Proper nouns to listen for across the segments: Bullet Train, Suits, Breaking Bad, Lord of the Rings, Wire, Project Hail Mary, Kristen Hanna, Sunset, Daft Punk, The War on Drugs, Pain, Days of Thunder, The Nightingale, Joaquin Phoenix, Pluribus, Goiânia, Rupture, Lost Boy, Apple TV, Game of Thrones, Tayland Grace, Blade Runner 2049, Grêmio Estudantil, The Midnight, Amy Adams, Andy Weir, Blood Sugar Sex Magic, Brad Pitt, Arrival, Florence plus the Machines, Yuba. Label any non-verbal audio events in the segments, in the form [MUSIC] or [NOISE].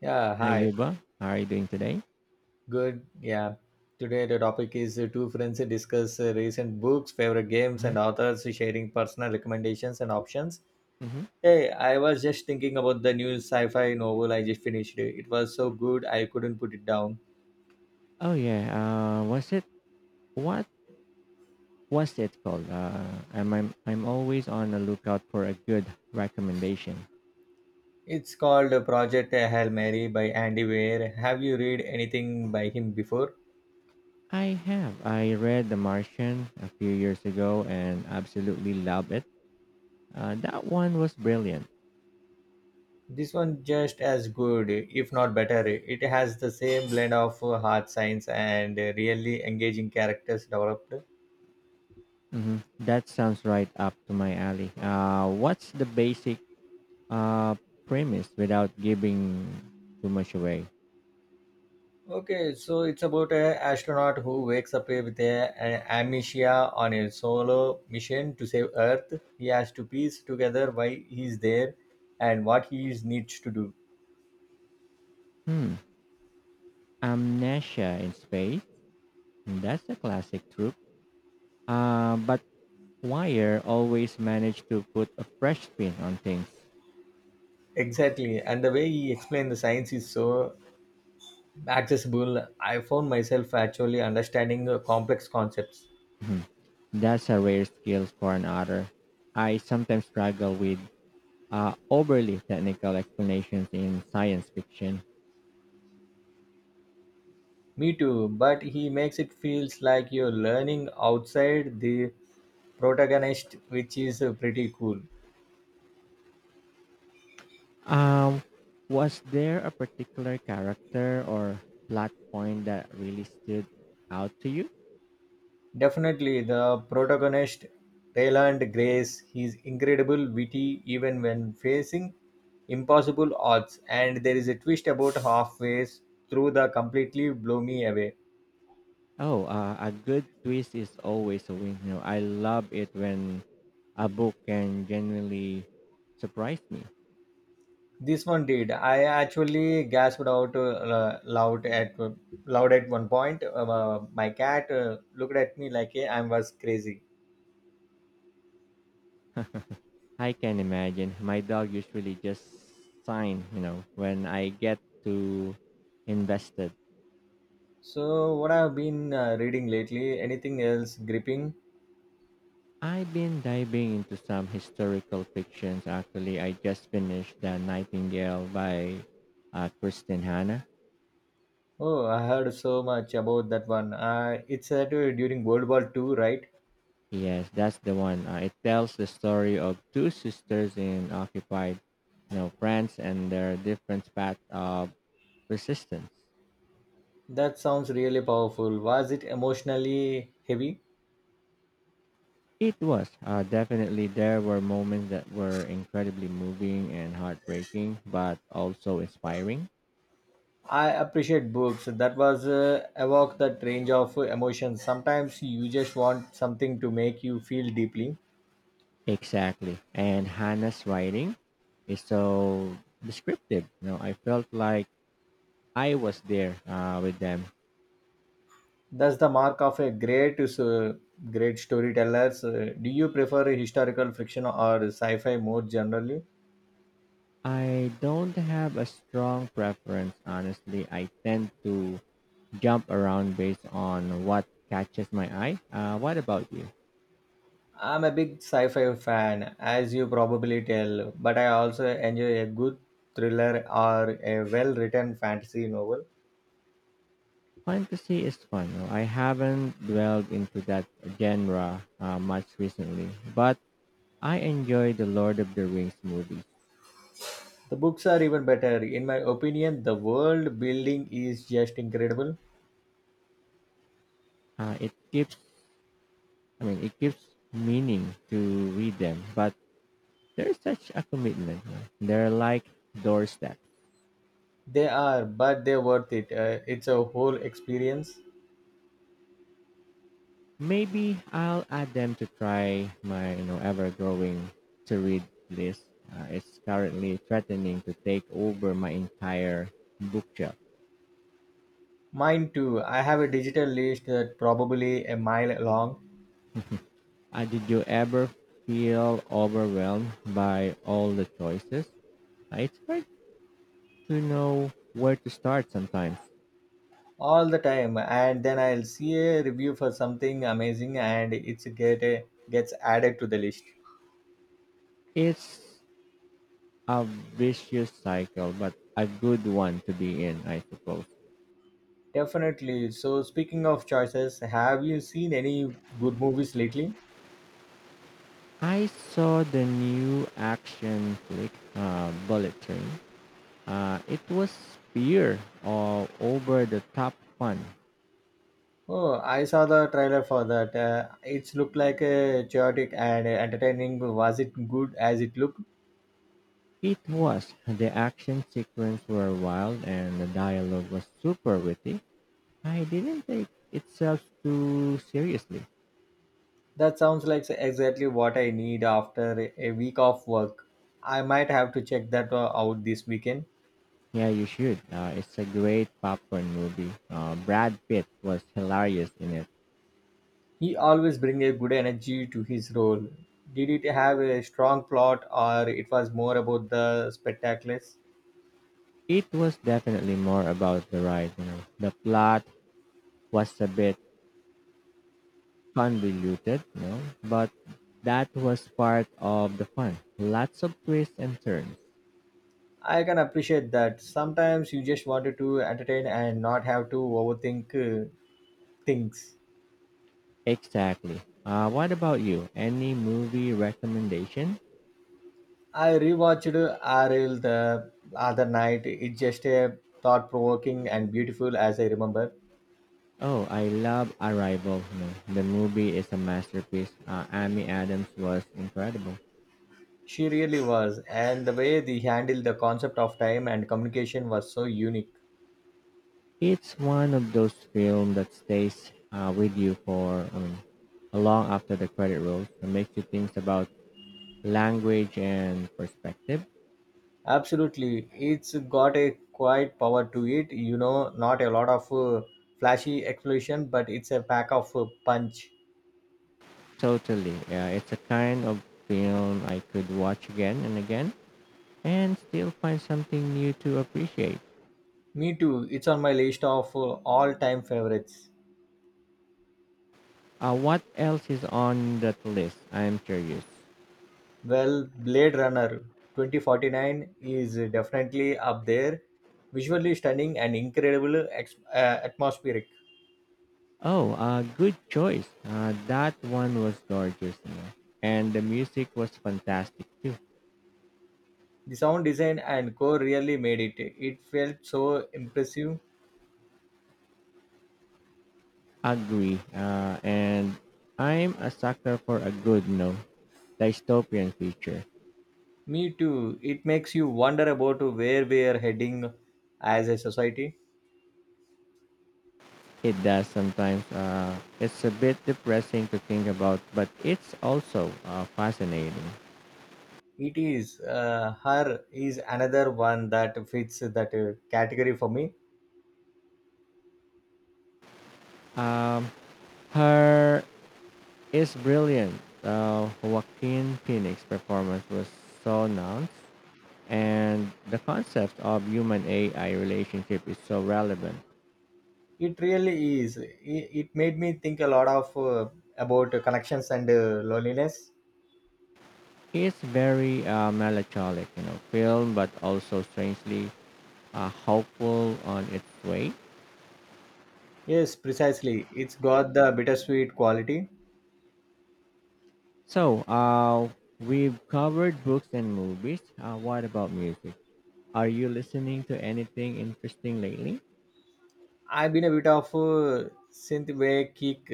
Yeah, Hi, hi. Yuba. How are you doing today? Good. Yeah. Today the topic is two friends discuss recent books, favorite games, and Mhm, authors sharing personal recommendations and options. mhm. Hey, I was just thinking about the new sci-fi novel I just finished. It was so good I couldn't put it down. Oh yeah. Was it what was it called? I'm always on the lookout for a good recommendation. It's called Project Hail Mary by Andy Weir. Have you read anything by him before? I have. I read The Martian a few years ago and absolutely loved it. That one was brilliant. This one just as good, if not better. It has the same blend of hard science and really engaging characters developed. Hmm, that sounds right up to my alley. What's the basic uh, premise without giving too much away? Okay, so it's about a astronaut who wakes up with an amnesia on a solo mission to save Earth. He has to piece together why he's there and what he is needs to do. Hmm. Amnesia in space. That's a classic trope. But Wire always managed to put a fresh spin on things. Exactly, and the way he explained the science is so accessible. I found myself actually understanding complex concepts. Mhm. That's a rare skill for an author. I sometimes struggle with overly technical explanations in science fiction. Me too, but he makes it feels like you're learning outside the protagonist, which is pretty cool. Um, was there a particular character or plot point that really stood out to you? Definitely, the protagonist, Tayland Grace, he's incredible, witty, even when facing impossible odds. And there is a twist about halfway through the completely blew me away. Oh, a good twist is always a win. You know, I love it when a book can genuinely surprise me. This one did. I actually gasped out loud at one point. My cat looked at me like I was crazy. I can imagine. My dog usually just sign, you know, when I get too invested. So, what I've been reading lately? Anything else gripping? I've been diving into some historical fictions. Actually, I just finished The Nightingale by Kristen Hanna. Oh, I heard so much about that one. It's set during World War Two, right? Yes, that's the one. It tells the story of two sisters in occupied, you know, France and their different path of resistance. That sounds really powerful. Was it emotionally heavy? It was definitely there were moments that were incredibly moving and heartbreaking, but also inspiring. I appreciate books that was evoke that range of emotions. Sometimes you just want something to make you feel deeply. Exactly, and Hannah's writing is so descriptive. You know, I felt like I was there with them. That's the mark of a great storytellers. Do you prefer historical fiction or sci-fi more generally? I don't have a strong preference, honestly. I tend to jump around based on what catches my eye. What about you? I'm a big sci fi fan, as you probably tell, but I also enjoy a good thriller or a well written fantasy novel. Fantasy is fun, no? I haven't dwelled into that genre much recently, but I enjoy the Lord of the Rings movies. The books are even better. In my opinion, the world building is just incredible. Uh, it keeps, it gives meaning to read them, but there's such a commitment, no? They're like doorsteps. They are, but they're worth it. It's a whole experience. Maybe I'll add them to try my, you know, ever-growing to read list. It's currently threatening to take over my entire bookshelf. Mine too. I have a digital list that probably a mile long Did you ever feel overwhelmed by all the choices? It's hard to know where to start sometimes. all the time, and then I'll see a review for something amazing, and it's get gets added to the list. It's a vicious cycle, but a good one to be in, I suppose. Definitely. So, speaking of choices, have you seen any good movies lately? I saw the new action flick, Bullet Train. It was pure all over the top fun. Oh, I saw the trailer for that. It's looked like a chaotic and entertaining. Was it good as it looked? It was. The action sequences were wild and the dialogue was super witty. I didn't take itself too seriously. That sounds like exactly what I need after a week of work. I might have to check that out this weekend. Yeah, you should. It's a great popcorn movie. Brad Pitt was hilarious in it. He always brings a good energy to his role. Did it have a strong plot or it was more about the spectacles? It was definitely more about the ride, you know. The plot was a bit convoluted, you know, but that was part of the fun. Lots of twists and turns. I can appreciate that. Sometimes you just wanted to entertain and not have to overthink things. Exactly. What about you? Any movie recommendation? I rewatched Ariel the other night. It's just a thought provoking and beautiful as I remember. Oh, I love Arrival. No, the movie is a masterpiece. Amy Adams was incredible. She really was, and the way they handled the concept of time and communication was so unique. It's one of those films that stays with you long after the credit rolls. It makes you think about language and perspective. Absolutely, it's got a quiet power to it. You know, not a lot of flashy exploration, but it's a pack of punch. Totally, yeah, it's a kind of film I could watch again and again and still find something new to appreciate. Me too. It's on my list of all-time favorites. What else is on that list? I'm curious. Well, Blade Runner 2049 is definitely up there. Visually stunning and incredible atmospheric. Oh, good choice. That one was gorgeous, you know. And the music was fantastic too. The sound design and core really made it. It felt so impressive. Agree. And I'm a sucker for a good, you know, dystopian feature. Me too. It makes you wonder about where we are heading as a society. It does sometimes. It's a bit depressing to think about, but it's also fascinating. It is her is another one that fits that category for me. Um, her is brilliant. Joaquin Phoenix performance was so nuanced and the concept of human AI relationship is so relevant. It really it made me think a lot of about connections and loneliness. It's very melancholic, you know, film, but also strangely hopeful on its way. Yes, precisely, it's got the bittersweet quality. So, we've covered books and movies. What about music? Are you listening to anything interesting lately? I've been a bit of a synthwave kick.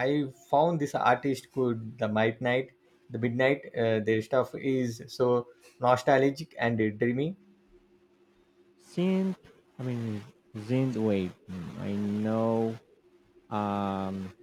I found this artist could the midnight. Their stuff is so nostalgic and dreamy. Synth, I mean, Synth wave. Hmm, I know um,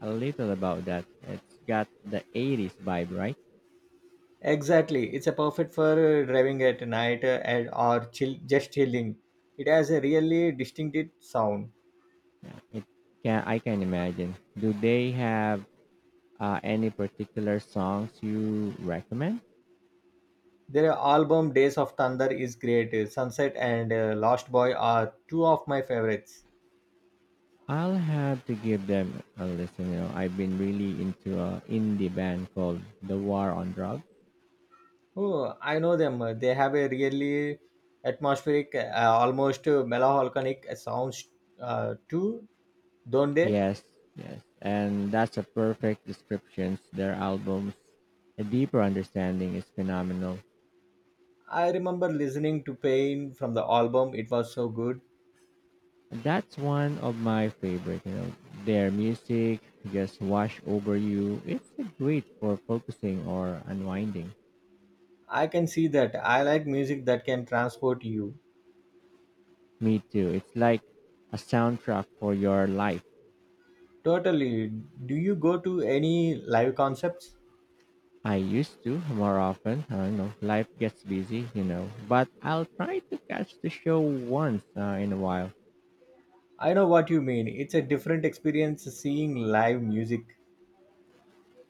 a little about that. It's got the 80s vibe, right? Exactly, it's a perfect for driving at night and or chill just chilling. It has a really distinctive sound. It can I can imagine. Do they have any particular songs you recommend? Their album Days of Thunder is great. Sunset and Lost Boy are two of my favorites. I'll have to give them a listen. You know, I've been really into a indie band called The War on Drugs. Oh, I know them. They have a really atmospheric, almost melancholic sounds too, don't they? Yes, yes, and that's a perfect description. Their albums, a deeper understanding is phenomenal. I remember listening to Pain from the album. It was so good. That's one of my favorite. You know, their music just wash over you. It's great for focusing or unwinding. I can see that. I like music that can transport you. Me too. It's like a soundtrack for your life. Totally. Do you go to any live concepts? I used to more often. I don't know. Life gets busy, you know. But I'll try to catch the show once in a while. I know what you mean. It's a different experience seeing live music.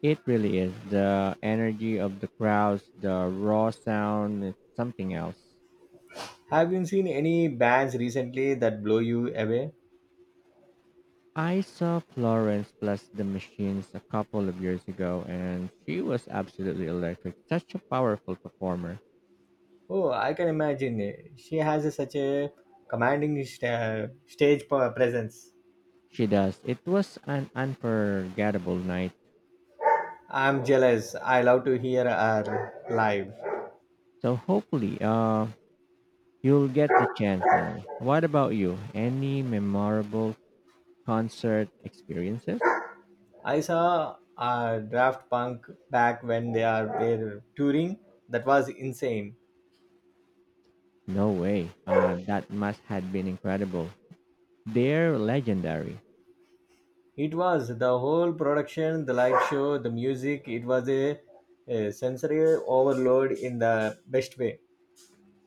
It really is. The energy of the crowds, the raw sound, it's something else. Have you seen any bands recently that blow you away? I saw Florence plus the Machines a couple of years ago, and she was absolutely electric. Such a powerful performer. Oh, I can imagine. Such a commanding stage presence. She does. It was an unforgettable night. I'm jealous. I love to hear her live. So hopefully, you'll get the chance now. What about you? Any memorable concert experiences? I saw Draft Punk back when they are were touring. That was insane. No way. That must have been incredible. They're legendary. It was the whole production, the live show, the music. It was a sensory overload in the best way.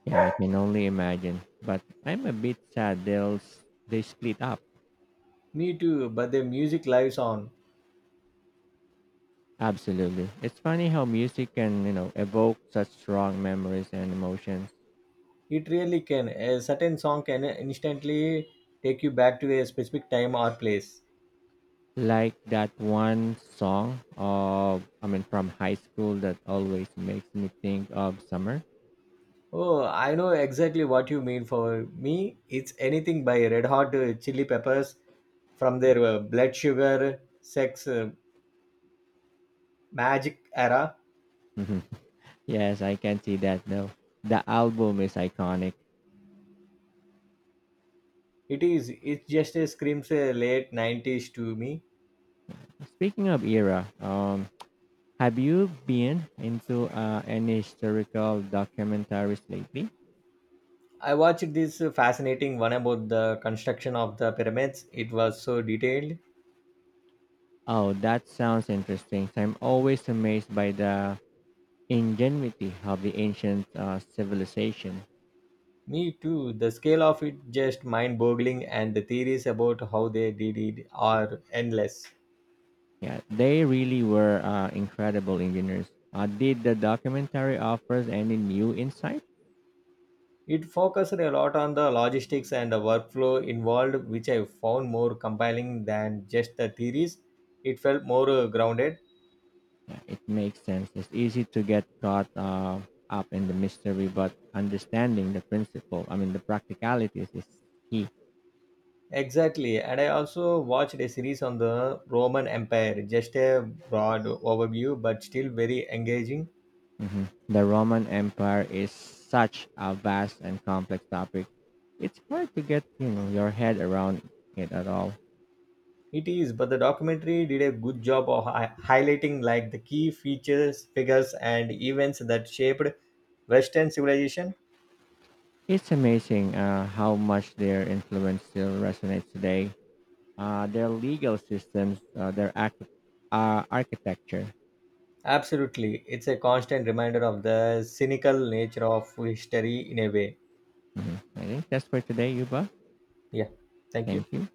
Yeah, I can only imagine. But I'm a bit sad they split up. Me too, but the music lives on. Absolutely. It's funny how music can, you know, evoke such strong memories and emotions. It really can. A certain song can instantly take you back to a specific time or place. Like that one song of I mean from high school that always makes me think of summer. Oh, I know exactly what you mean. For me, it's anything by Red Hot Chili Peppers from their Blood Sugar Sex Magic era. [LAUGHS] Yes, I can see that though. The album is iconic. It is. It just screams late '90s to me. Speaking of era, have you been into any historical documentaries lately? I watched this fascinating one about the construction of the pyramids. It was so detailed. Oh, that sounds interesting. So I'm always amazed by the ingenuity of the ancient civilization. Me too. The scale of it just mind boggling, and the theories about how they did it are endless. Yeah, they really were incredible engineers. Did the documentary offers any new insight? It focused a lot on the logistics and the workflow involved, which I found more compelling than just the theories. It felt more grounded. Yeah, it makes sense. It's easy to get caught up in the mystery, but understanding the the practicalities is key. Exactly. And I also watched a series on the Roman Empire, just a broad overview, but still very engaging. Hmm, the Roman Empire is such a vast and complex topic. It's hard to get you know your head around it at all. It is, but the documentary did a good job of highlighting like the key features, figures, and events that shaped Western civilization? It's amazing how much their influence still resonates today. Their legal systems, uh, architecture. Absolutely. It's a constant reminder of the cynical nature of history in a way. Hmm, I think that's for today, Yuba. Yeah. Thank Thank you. you.